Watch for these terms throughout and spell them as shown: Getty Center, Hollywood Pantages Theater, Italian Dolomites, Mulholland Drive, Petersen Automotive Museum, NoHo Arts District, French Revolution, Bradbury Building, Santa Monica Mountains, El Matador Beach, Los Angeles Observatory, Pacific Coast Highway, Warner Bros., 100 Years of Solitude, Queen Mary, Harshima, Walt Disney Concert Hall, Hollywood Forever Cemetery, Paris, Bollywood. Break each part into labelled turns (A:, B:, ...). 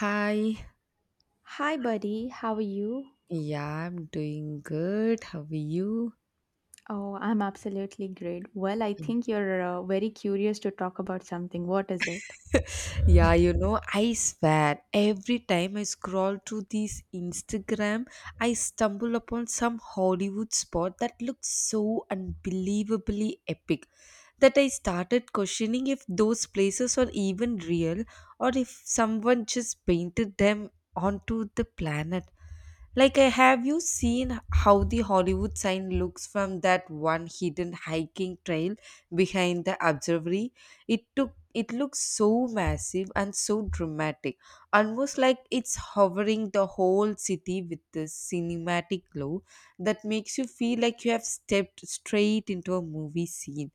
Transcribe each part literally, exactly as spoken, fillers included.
A: Hi.
B: Hi, buddy. How are you?
A: Yeah, I'm doing good. How are you?
B: Oh, I'm absolutely great. Well, I
A: Yeah.
B: think you're uh, very curious to talk about something. What is it?
A: Yeah, you know, I swear every time I scroll through this Instagram, I stumble upon some Hollywood spot that looks so unbelievably epic that I started questioning if those places are even real or if someone just painted them onto the planet. Like, uh, have you seen how the Hollywood sign looks from that one hidden hiking trail behind the observatory? It took it looks so massive and so dramatic, almost like it's hovering the whole city with this cinematic glow that makes you feel like you have stepped straight into a movie scene.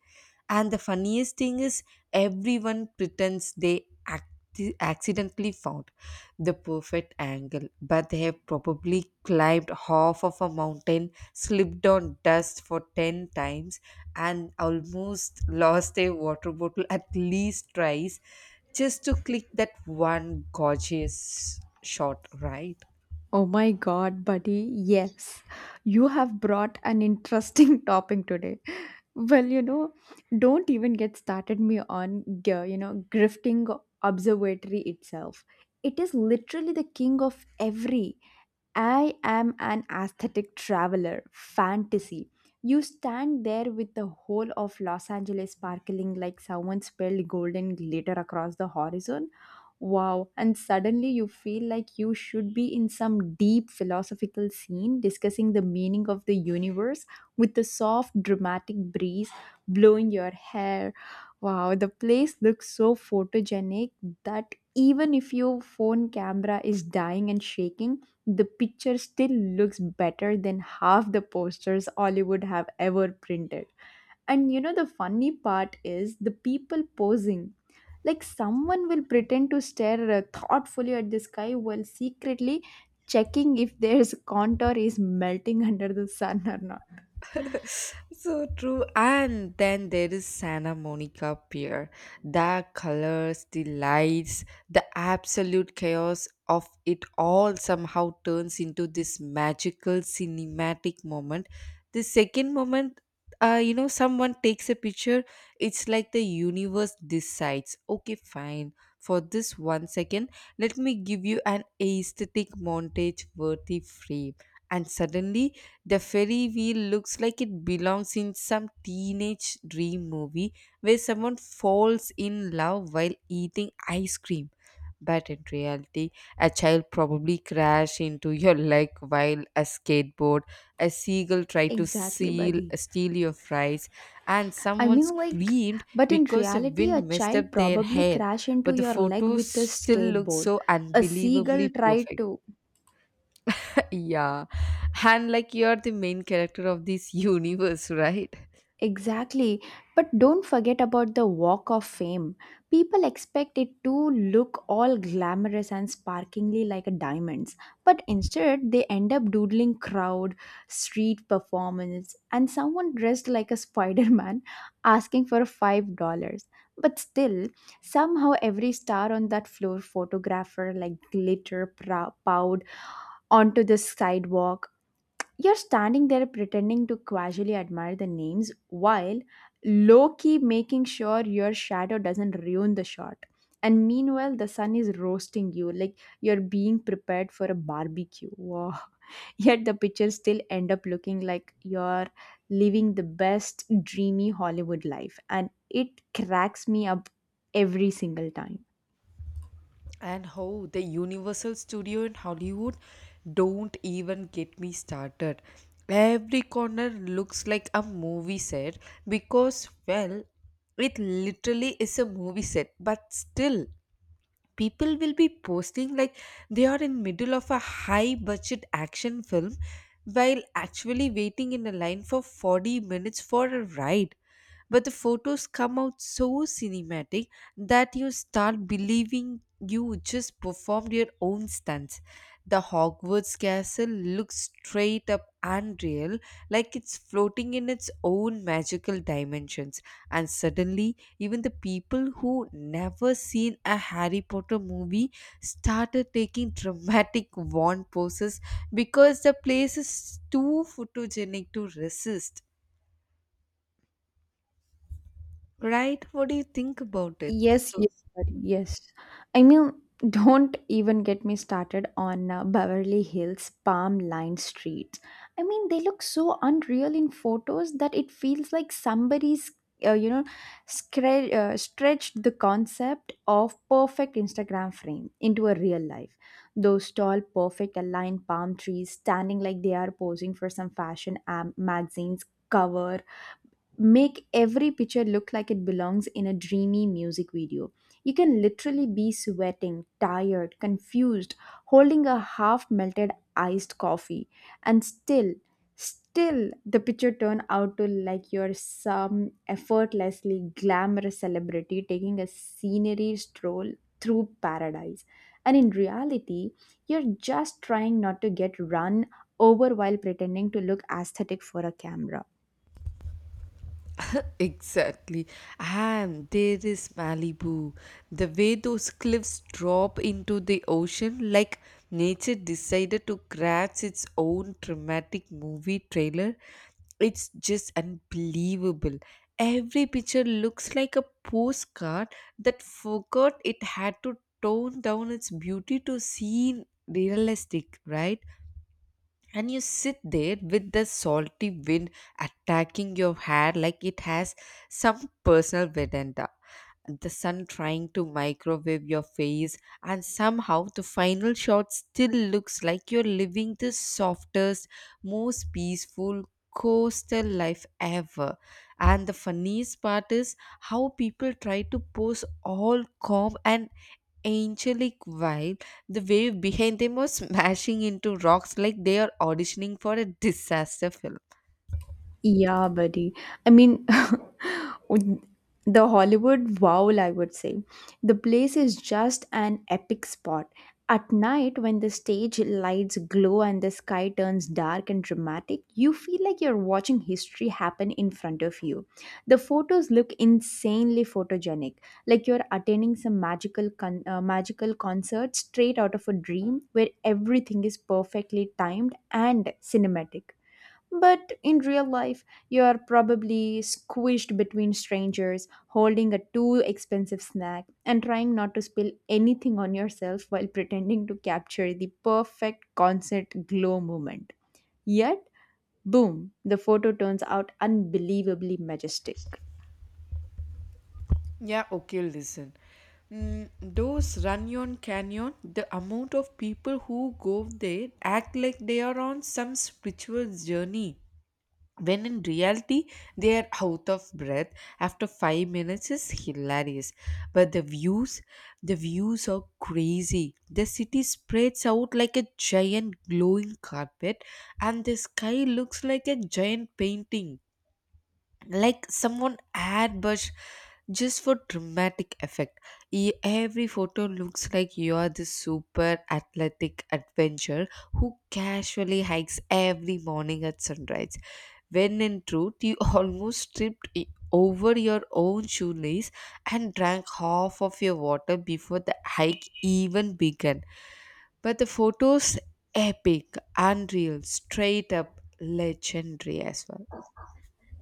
A: And the funniest thing is, everyone pretends they act- accidentally found the perfect angle, but they have probably climbed half of a mountain, slipped on dust for ten times, and almost lost a water bottle at least twice just to click that one gorgeous shot, right?
B: Oh my god, buddy. Yes. You have brought an interesting topic today. Well, you know, don't even get started me on, g- you know, grifting observatory itself. It is literally the king of every I am an aesthetic traveler, fantasy. You stand there with the whole of Los Angeles sparkling like someone spilled golden glitter across the horizon. Wow, and suddenly you feel like you should be in some deep philosophical scene discussing the meaning of the universe with the soft dramatic breeze blowing your hair. Wow, the place looks so photogenic that even if your phone camera is dying and shaking, the picture still looks better than half the posters Hollywood have ever printed. And you know, the funny part is the people posing. Like someone will pretend to stare uh, thoughtfully at the sky while secretly checking if their contour is melting under the sun or not.
A: So true. And then there is Santa Monica Pier. The colors, the lights, the absolute chaos of it all somehow turns into this magical cinematic moment. The second moment, uh, you know, someone takes a picture, it's like the universe decides, okay, fine, for this one second, let me give you an aesthetic montage worthy frame. And suddenly, the ferry wheel looks like it belongs in some teenage dream movie where someone falls in love while eating ice cream. But in reality, a child probably crashed into your leg while a skateboard, a seagull tried to
B: Exactly,
A: seal,
B: buddy.
A: steal your fries, and
B: I
A: someone
B: mean, like,
A: screamed
B: but in
A: because the
B: reality, a
A: wind messed
B: child
A: up their
B: probably
A: hair.
B: crashed into
A: But the
B: your leg
A: photo
B: with a
A: still looks
B: skateboard.
A: so
B: A seagull
A: unbelievably
B: tried
A: perfect.
B: to
A: Yeah. And like you're the main character of this universe, right?
B: Exactly. But don't forget about the walk of fame. People expect it to look all glamorous and sparkingly like a diamonds, but instead they end up doodling crowd, street performance, and someone dressed like a Spider-Man asking for five dollars. But still, somehow every star on that floor photographer like glitter prow- powed onto the sidewalk. You're standing there pretending to casually admire the names while low key making sure your shadow doesn't ruin the shot. And meanwhile, the sun is roasting you like you're being prepared for a barbecue. Wow. Yet the pictures still end up looking like you're living the best dreamy Hollywood life. And it cracks me up every single time.
A: And how the Universal Studio in Hollywood, don't even get me started. Every corner looks like a movie set because, well, it literally is a movie set, but still, people will be posting like they are in middle of a high budget action film while actually waiting in a line for forty minutes for a ride, but the photos come out so cinematic that you start believing you just performed your own stunts. The Hogwarts castle looks straight up unreal, like it's floating in its own magical dimensions. And suddenly, even the people who never seen a Harry Potter movie started taking dramatic wand poses because the place is too photogenic to resist. Right? What do you think about it?
B: Yes, yes,
A: Those-
B: buddy, yes. I mean, don't even get me started on uh, Beverly Hills palm lined streets. I mean, they look so unreal in photos that it feels like somebody's, uh, you know, scre- uh, stretched the concept of perfect Instagram frame into a real life. Those tall, perfect aligned palm trees standing like they are posing for some fashion am- magazines cover make every picture look like it belongs in a dreamy music video. You can literally be sweating, tired, confused, holding a half melted iced coffee, and still, still the picture turn out to like you're some effortlessly glamorous celebrity taking a scenery stroll through paradise. And in reality, you're just trying not to get run over while pretending to look aesthetic for a camera.
A: Exactly. And there is Malibu. The way those cliffs drop into the ocean, like nature decided to crash its own dramatic movie trailer, it's just unbelievable. Every picture looks like a postcard that forgot it had to tone down its beauty to seem realistic, right? And you sit there with the salty wind attacking your hair like it has some personal vendetta, the sun trying to microwave your face, and somehow the final shot still looks like you're living the softest, most peaceful coastal life ever. And the funniest part is how people try to pose all calm and angelic while the wave behind them was smashing into rocks like they are auditioning for a disaster film.
B: Yeah, buddy. I mean, the Hollywood Wow, I would say. The place is just an epic spot. At night, when the stage lights glow and the sky turns dark and dramatic, you feel like you're watching history happen in front of you. The photos look insanely photogenic, like you're attending some magical con- uh, magical concert straight out of a dream where everything is perfectly timed and cinematic. But in real life, you are probably squished between strangers, holding a too expensive snack, and trying not to spill anything on yourself while pretending to capture the perfect concert glow moment. Yet, boom, the photo turns out unbelievably majestic.
A: Yeah, okay, listen. Mm, those Runyon Canyon, the amount of people who go there act like they are on some spiritual journey. When in reality they are out of breath after five minutes is hilarious, but the views, the views are crazy. The city spreads out like a giant glowing carpet and the sky looks like a giant painting, like someone ad brush just for dramatic effect. E- every photo looks like you are this super athletic adventurer who casually hikes every morning at sunrise, when in truth you almost tripped i- over your own shoelace and drank half of your water before the hike even began. But the photos, epic, unreal, straight up legendary as well.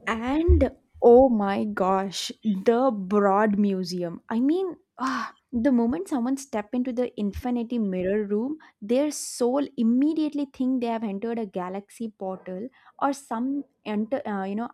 B: And oh my gosh, the Broad Museum. I mean, ah, the moment someone step into the infinity mirror room, their soul immediately think they have entered a galaxy portal or some enter, uh, you know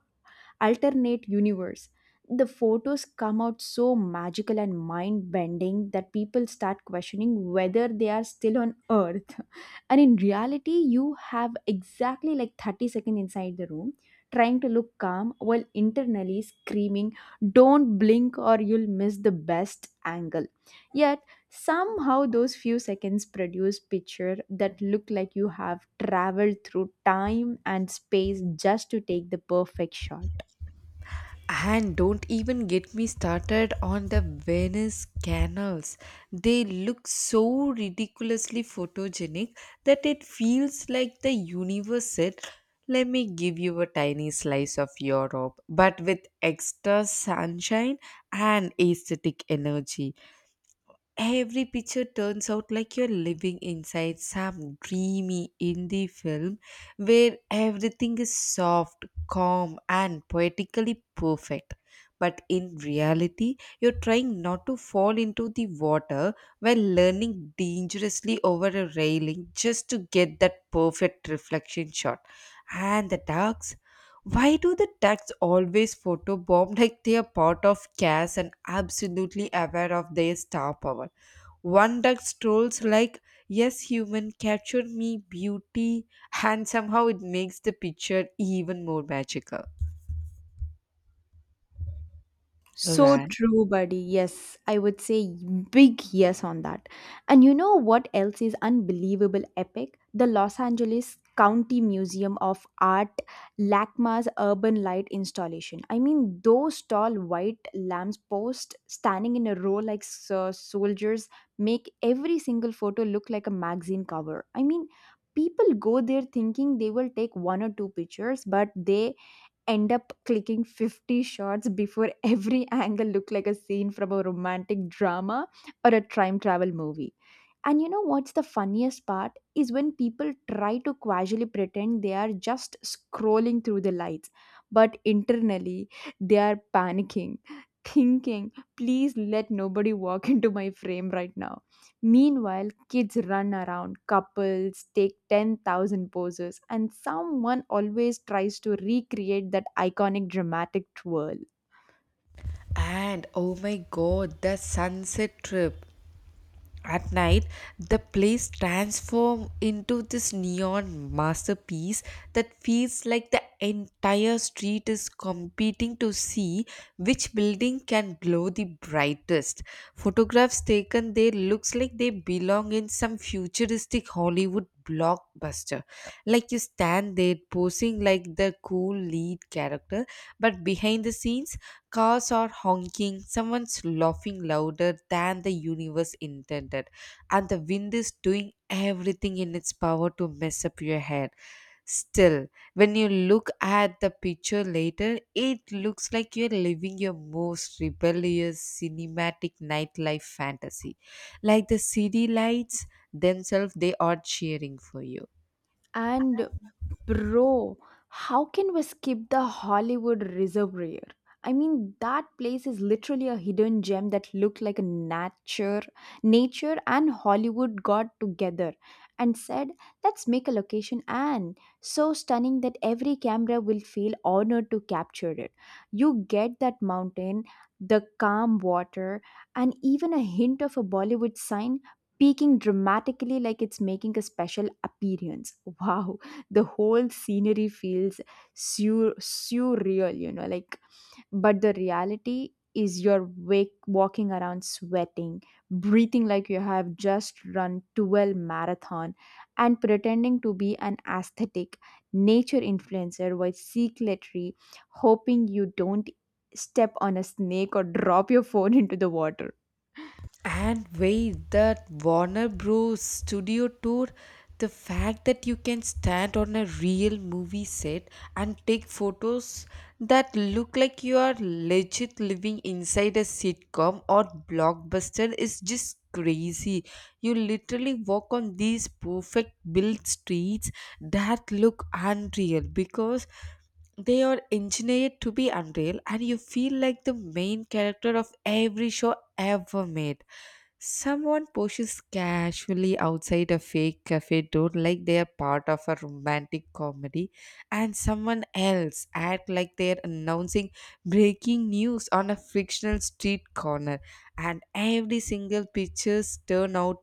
B: alternate universe. The photos come out so magical and mind bending that people start questioning whether they are still on Earth. And in reality, you have exactly like thirty seconds inside the room trying to look calm while internally screaming, don't blink or you'll miss the best angle. Yet, somehow, those few seconds produce picture that look like you have traveled through time and space just to take the perfect shot.
A: And don't even get me started on the Venice canals. They look so ridiculously photogenic that it feels like the universe said, let me give you a tiny slice of Europe, but with extra sunshine and aesthetic energy. Every picture turns out like you're living inside some dreamy indie film where everything is soft, calm, and poetically perfect. But in reality, you're trying not to fall into the water while learning dangerously over a railing just to get that perfect reflection shot. And the ducks? Why do the ducks always photobomb like they are part of chaos and absolutely aware of their star power? One duck strolls like, yes, human, capture me, beauty, and somehow it makes the picture even more magical.
B: So
A: Right.
B: true, buddy. Yes, I would say big yes on that. And you know what else is unbelievable epic? The Los Angeles County Museum of Art LACMA's urban light installation. I mean, those tall white lamps posts standing in a row like so- soldiers make every single photo look like a magazine cover. I mean, people go there thinking they will take one or two pictures, but they end up clicking fifty shots before every angle looked like a scene from a romantic drama or a time travel movie. And you know what's the funniest part is when people try to casually pretend they are just scrolling through the lights, but internally they are panicking, thinking, please let nobody walk into my frame right now. Meanwhile, kids run around, couples take ten thousand poses, and someone always tries to recreate that iconic dramatic twirl.
A: And oh my god, the sunset trip. At night, the place transforms into this neon masterpiece that feels like the entire street is competing to see which building can glow the brightest. Photographs taken there looks like they belong in some futuristic Hollywood blockbuster. Like you stand there posing like the cool lead character, but behind the scenes, cars are honking, someone's laughing louder than the universe intended, and the wind is doing everything in its power to mess up your head. Still, when you look at the picture later, it looks like you're living your most rebellious cinematic nightlife fantasy. Like the city lights themselves, they are cheering for you.
B: And bro, how can we skip the Hollywood Reservoir? I mean, that place is literally a hidden gem that looked like a nature, nature and Hollywood got together and said, "Let's make a location." And so stunning that every camera will feel honored to capture it. You get that mountain, the calm water, and even a hint of a Bollywood sign peaking dramatically like it's making a special appearance. Wow, the whole scenery feels sur- surreal, you know, like but the reality is you're wake, walking around sweating, breathing like you have just run twelve marathon and pretending to be an aesthetic nature influencer while secretly hoping you don't step on a snake or drop your phone into the water.
A: And wait, that Warner Bros. Studio tour, the fact that you can stand on a real movie set and take photos that look like you are legit living inside a sitcom or blockbuster is just crazy. You literally walk on these perfect built streets that look unreal because they are engineered to be unreal, and you feel like the main character of every show ever made. Someone pushes casually outside a fake cafe door like they are part of a romantic comedy, and someone else act like they are announcing breaking news on a fictional street corner, and every single pictures turn out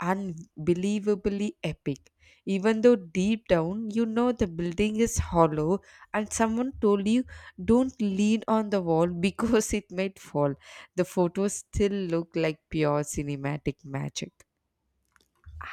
A: unbelievably epic. Even though deep down you know the building is hollow, and someone told you don't lean on the wall because it might fall, the photos still look like pure cinematic magic.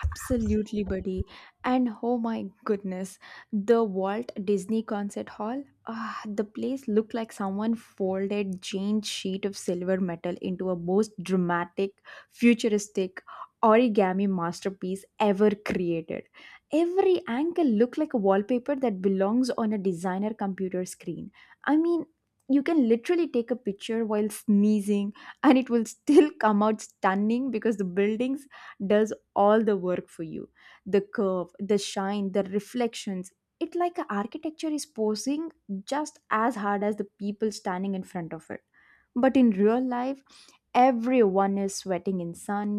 B: Absolutely, buddy. And oh my goodness, the Walt Disney Concert Hall. Ah, the place looked like someone folded giant sheet of silver metal into a most dramatic, futuristic origami masterpiece ever created. Every angle looked like a wallpaper that belongs on a designer computer screen. I mean, you can literally take a picture while sneezing and it will still come out stunning because the buildings does all the work for you. The curve, the shine, the reflections, it like a architecture is posing just as hard as the people standing in front of it. But in real life, everyone is sweating in sun,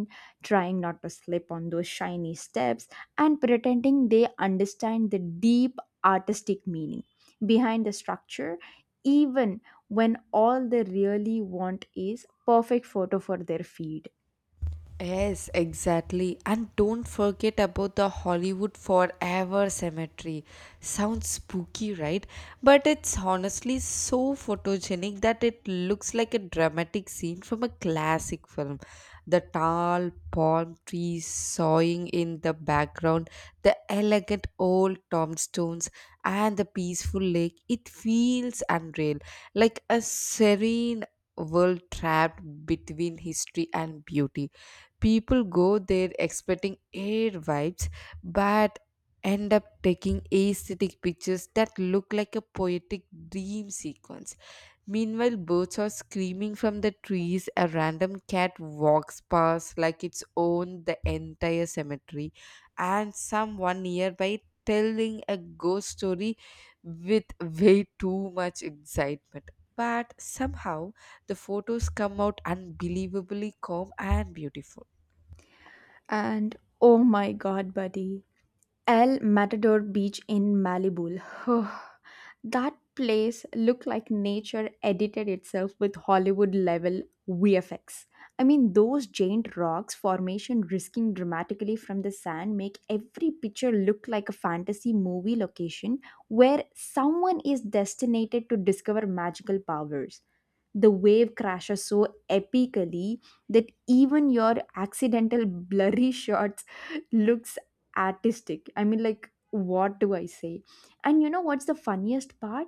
B: trying not to slip on those shiny steps, and pretending they understand the deep artistic meaning behind the structure even when all they really want is perfect photo for their feed.
A: Yes, exactly. And don't forget about the Hollywood Forever Cemetery. Sounds spooky, right? But it's honestly so photogenic that it looks like a dramatic scene from a classic film. The tall palm trees sawing in the background, the elegant old tombstones, and the peaceful lake. It feels unreal, like a serene world trapped between history and beauty. People go there expecting air vibes but end up taking aesthetic pictures that look like a poetic dream sequence. Meanwhile, birds are screaming from the trees, a random cat walks past like it's owned the entire cemetery, and someone nearby telling a ghost story with way too much excitement. But somehow the photos come out unbelievably calm and beautiful.
B: And oh my god, buddy, El Matador Beach in Malibu. That place looked like nature edited itself with Hollywood level V F X. I mean, those giant rocks formation risking dramatically from the sand make every picture look like a fantasy movie location where someone is destined to discover magical powers. The wave crashes so epically that even your accidental blurry shots looks artistic. I mean, like, what do I say? And you know what's the funniest part,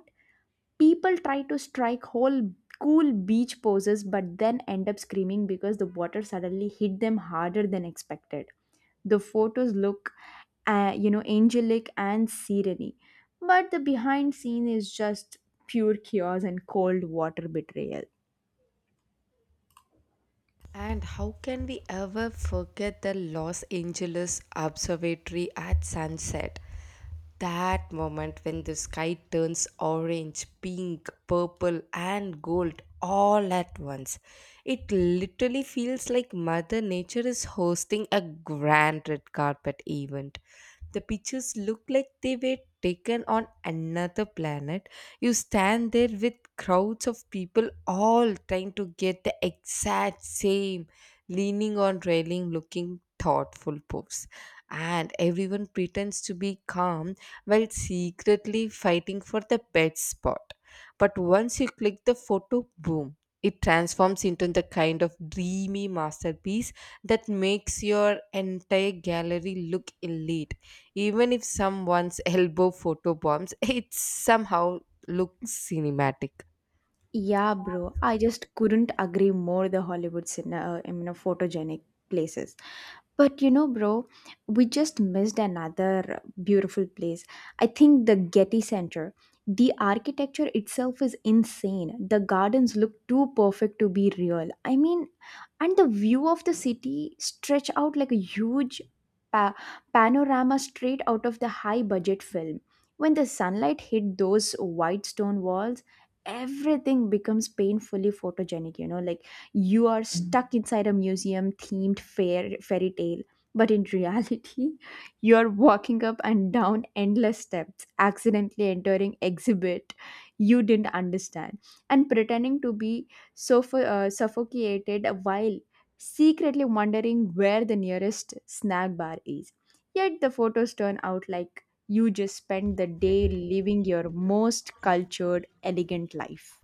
B: people try to strike whole cool beach poses but then end up screaming because the water suddenly hit them harder than expected. The photos look, uh, you know, angelic and serene, but the behind scene is just pure chaos and cold water betrayal.
A: And how can we ever forget the Los Angeles Observatory at sunset? That moment when the sky turns orange, pink, purple, and gold all at once. It literally feels like Mother Nature is hosting a grand red carpet event. The pictures look like they were taken on another planet. You stand there with crowds of people all trying to get the exact same leaning on railing looking thoughtful pose. And everyone pretends to be calm while secretly fighting for the best spot. But once you click the photo, boom, it transforms into the kind of dreamy masterpiece that makes your entire gallery look elite, even if someone's elbow photo bombs it, somehow looks cinematic.
B: Yeah, bro. I just couldn't agree more the Hollywood cine- uh, I mean, uh, photogenic places. But you know, bro, we just missed another beautiful place. I think the Getty Center. The architecture itself is insane. The gardens look too perfect to be real. I mean, and the view of the city stretch out like a huge pa- panorama straight out of the high budget film. When the sunlight hit those white stone walls, everything becomes painfully photogenic, you know, like you are stuck inside a museum themed fair fairy tale, but in reality, you're walking up and down endless steps accidentally entering exhibit you didn't understand and pretending to be suff- uh, suffocated while secretly wondering where the nearest snack bar is. Yet the photos turn out like you just spend the day living your most cultured, elegant life.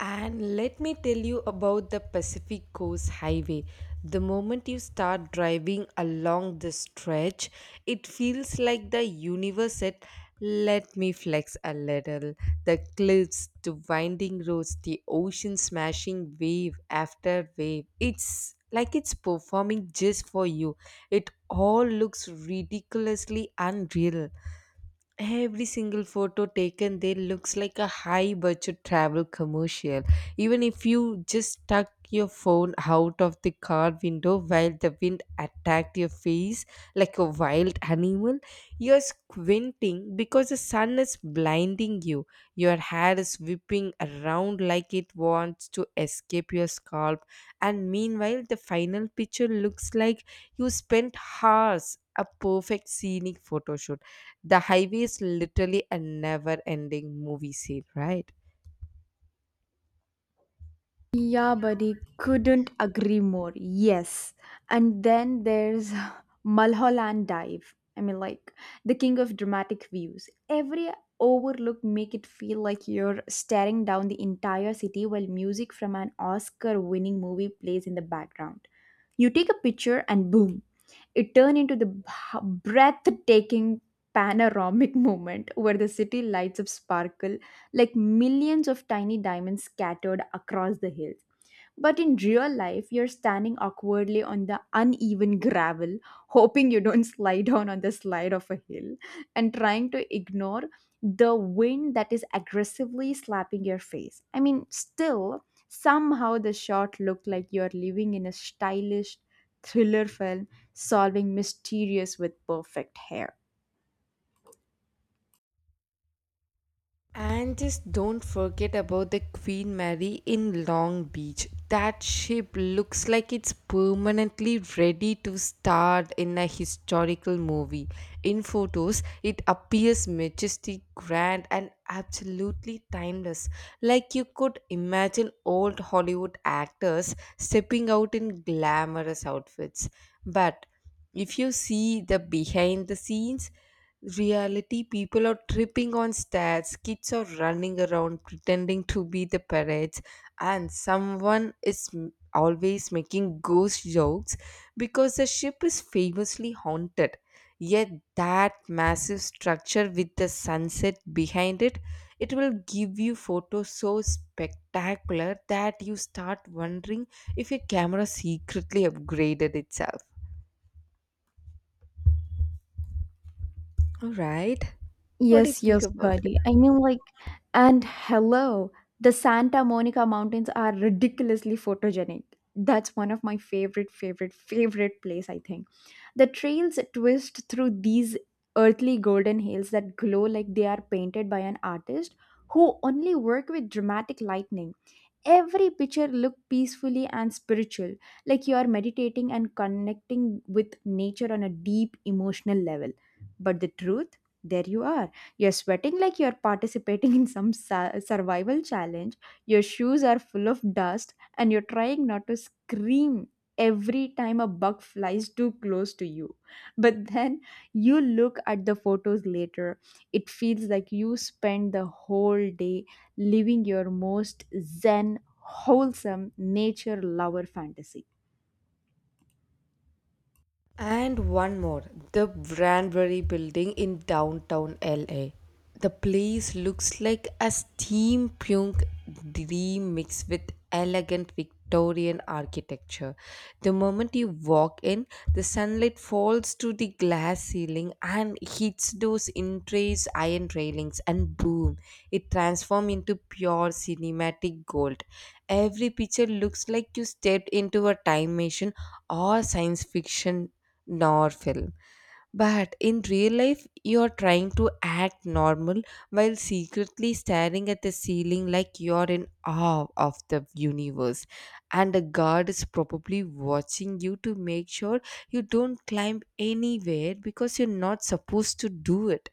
A: And let me tell you about the Pacific Coast Highway. The moment you start driving along the stretch, it feels like the universe said, let me flex a little. The cliffs, the winding roads, the ocean smashing wave after wave. It's like it's performing just for you. It all looks ridiculously unreal. Every single photo taken there looks like a high budget travel commercial, even if you just tuck your phone out of the car window while the wind attacked your face like a wild animal. You're squinting because the sun is blinding you, your hair is whipping around like it wants to escape your scalp, and meanwhile the final picture looks like you spent hours a perfect scenic photo shoot. The highway is literally a never ending movie scene, right?
B: Yeah, buddy, couldn't agree more. Yes. And then there's Mulholland Dive. I mean, like, the king of dramatic views. Every overlook make it feel like you're staring down the entire city while music from an Oscar winning movie plays in the background. You take a picture and boom, it turned into the b- breathtaking panoramic moment where the city lights up sparkle like millions of tiny diamonds scattered across the hills. But in real life, you're standing awkwardly on the uneven gravel, hoping you don't slide down on the slide of a hill, and trying to ignore the wind that is aggressively slapping your face. I mean, still, somehow the shot looked like you're living in a stylish thriller film solving mysterious with perfect hair.
A: And just don't forget about the Queen Mary in Long Beach. That ship looks like it's permanently ready to star in a historical movie. In photos, it appears majestic, grand, and absolutely timeless. Like you could imagine old Hollywood actors stepping out in glamorous outfits. But if you see the behind the scenes, reality, people are tripping on stairs, kids are running around pretending to be the parrots, and someone is m- always making ghost jokes because the ship is famously haunted. Yet that massive structure with the sunset behind it, it will give you photos so spectacular that you start wondering if your camera secretly upgraded itself. All right, what do you
B: Yes,
A: think
B: yes,
A: about it?
B: buddy. I mean, like, and hello, the Santa Monica Mountains are ridiculously photogenic. That's one of my favorite, favorite, favorite place, I think. The trails twist through these earthly golden hills that glow like they are painted by an artist who only work with dramatic lightning. Every picture look peacefully and spiritual, like you are meditating and connecting with nature on a deep emotional level. But the truth, there you are you're sweating like you're participating in some su- survival challenge. Your shoes are full of dust, and you're trying not to scream every time a bug flies too close to you. But then you look at the photos later, it feels like you spent the whole day living your most zen, wholesome, nature lover fantasy.
A: And one more, the Branbury building in downtown L A. The place looks like a steampunk dream mixed with elegant Victorian architecture. The moment you walk in, the sunlight falls to the glass ceiling and hits those intricate iron railings, and boom, it transforms into pure cinematic gold. Every picture looks like you stepped into a time machine or science fiction nor film. But in real life, you're trying to act normal while secretly staring at the ceiling like you're in awe of the universe. And a guard is probably watching you to make sure you don't climb anywhere because you're not supposed to do it.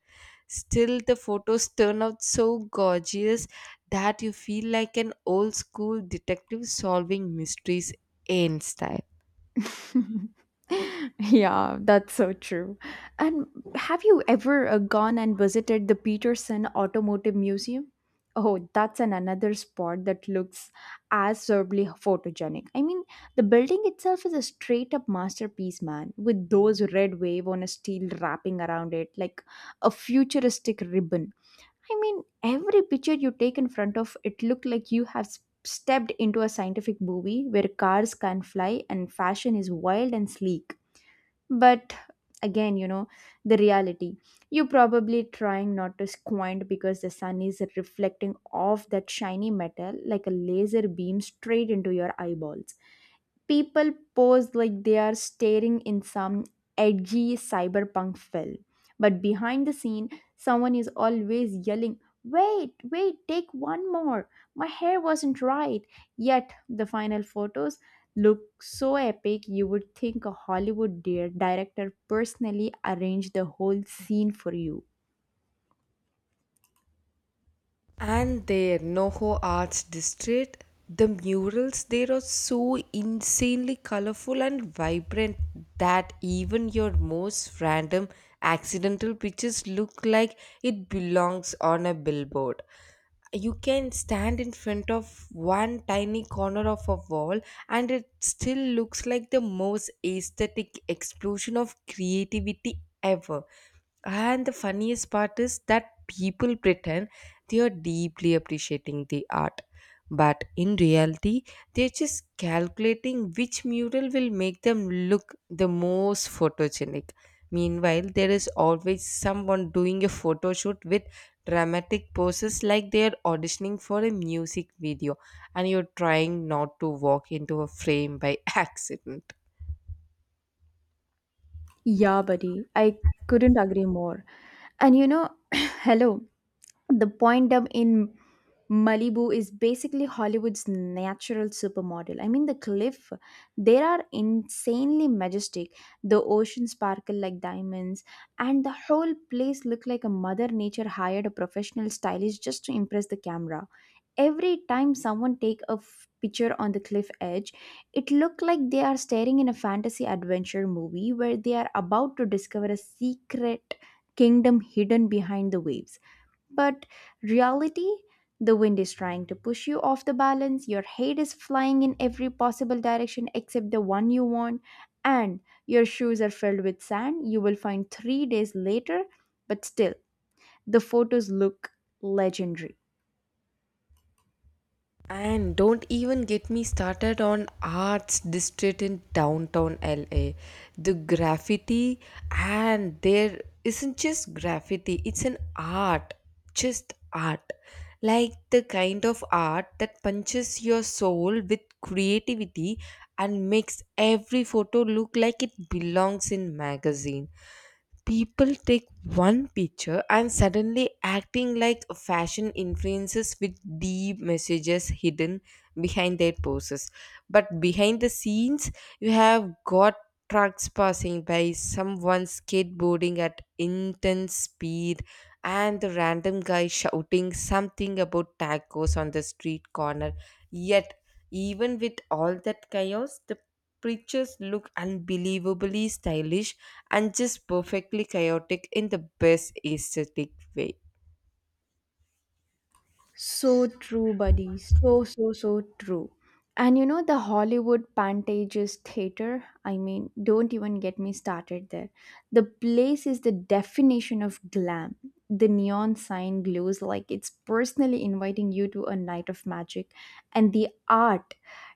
A: Still, the photos turn out so gorgeous that you feel like an old school detective solving mysteries in style.
B: Yeah, that's so true. And have you ever uh, gone and visited the Peterson Automotive Museum? Oh, that's an another spot that looks absurdly photogenic. I mean, the building itself is a straight up masterpiece, man, with those red wave on a steel wrapping around it like a futuristic ribbon. I mean, every picture you take in front of it look like you have s- stepped into a scientific movie where cars can fly and fashion is wild and sleek. But again, you know, the reality. You're probably trying not to squint because the sun is reflecting off that shiny metal like a laser beam straight into your eyeballs. People pose like they are staring in some edgy cyberpunk film. But behind the scene, someone is always yelling, "Wait, wait, take one more. My hair wasn't right." Yet the final photos look so epic you would think a Hollywood dear director personally arranged the whole scene for you.
A: And their Noho Arts District, the murals there are so insanely colorful and vibrant that even your most random accidental pictures look like it belongs on a billboard. You can stand in front of one tiny corner of a wall and it still looks like the most aesthetic explosion of creativity ever. And the funniest part is that people pretend they are deeply appreciating the art, but in reality, they're just calculating which mural will make them look the most photogenic. Meanwhile, there is always someone doing a photo shoot with dramatic poses like they are auditioning for a music video, and you're trying not to walk into a frame by accident.
B: Yeah, buddy, I couldn't agree more. And you know, hello, the point I in Malibu is basically Hollywood's natural supermodel. I mean, the cliff, there are insanely majestic. The ocean sparkle like diamonds, and the whole place look like a mother nature hired a professional stylist just to impress the camera. Every time someone take a f- picture on the cliff edge, it looked like they are staring in a fantasy adventure movie where they are about to discover a secret kingdom hidden behind the waves. But reality, the wind is trying to push you off the balance, your head is flying in every possible direction except the one you want, and your shoes are filled with sand you will find three days later. But still, the photos look legendary.
A: And don't even get me started on Arts District in downtown L A. The graffiti, and there isn't just graffiti, it's an art, just art. Like the kind of art that punches your soul with creativity and makes every photo look like it belongs in magazine. People take one picture and suddenly acting like fashion influences with deep messages hidden behind their poses, but behind the scenes you have got trucks passing by, someone skateboarding at intense speed, and the random guy shouting something about tacos on the street corner. Yet even with all that chaos, the preachers look unbelievably stylish and just perfectly chaotic in the best aesthetic way.
B: So true, buddy. So, so, so true. And you know, the Hollywood Pantages Theater, I mean, don't even get me started there. The place is the definition of glam. The neon sign glows like it's personally inviting you to a night of magic. And the art,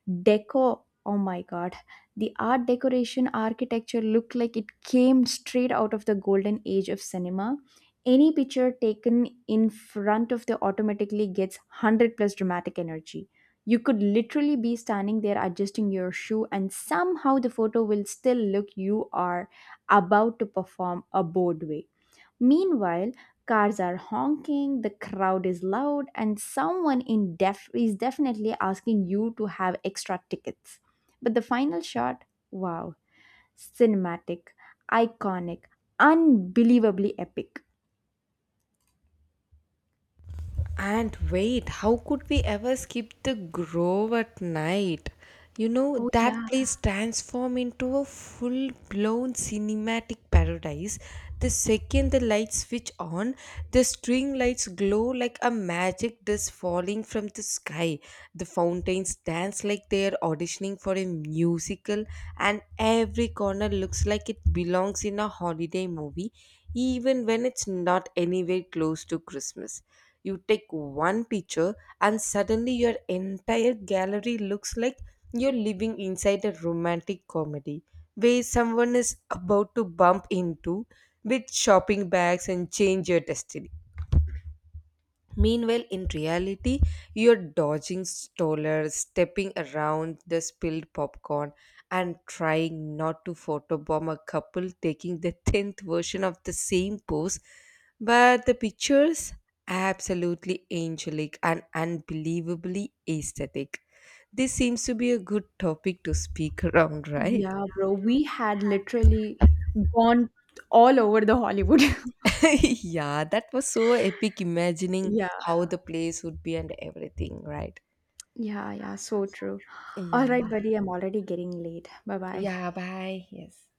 B: deco, oh my god, the art decoration architecture looked like it came straight out of the golden age of cinema. Any picture taken in front of the automatically gets one hundred plus dramatic energy. You could literally be standing there adjusting your shoe, and somehow the photo will still look you are about to perform a Broadway. Meanwhile, cars are honking, the crowd is loud, and someone in def- is definitely asking you to have extra tickets. But the final shot, wow, cinematic, iconic, unbelievably epic.
A: And wait, how could we ever skip the grove at night? You know,
B: Oh
A: that
B: yeah.
A: place transforms into a full blown cinematic paradise. The second the lights switch on, the string lights glow like a magic dust falling from the sky. The fountains dance like they are auditioning for a musical, and every corner looks like it belongs in a holiday movie, even when it's not anywhere close to Christmas. You take one picture, and suddenly your entire gallery looks like you're living inside a romantic comedy where someone is about to bump into with shopping bags and change your destiny. Meanwhile, in reality, you're dodging strollers, stepping around the spilled popcorn, and trying not to photobomb a couple taking the tenth version of the same pose. But the pictures, absolutely angelic and unbelievably aesthetic. This seems to be a good topic to speak around, right?
B: Yeah, bro, we had literally gone all over the Hollywood.
A: Yeah, that was so epic imagining
B: Yeah,
A: how the place would be and everything, right?
B: yeah, yeah, so true. All
A: Yeah.
B: right, buddy, I'm already getting late. Bye bye.
A: Yeah, bye. Yes.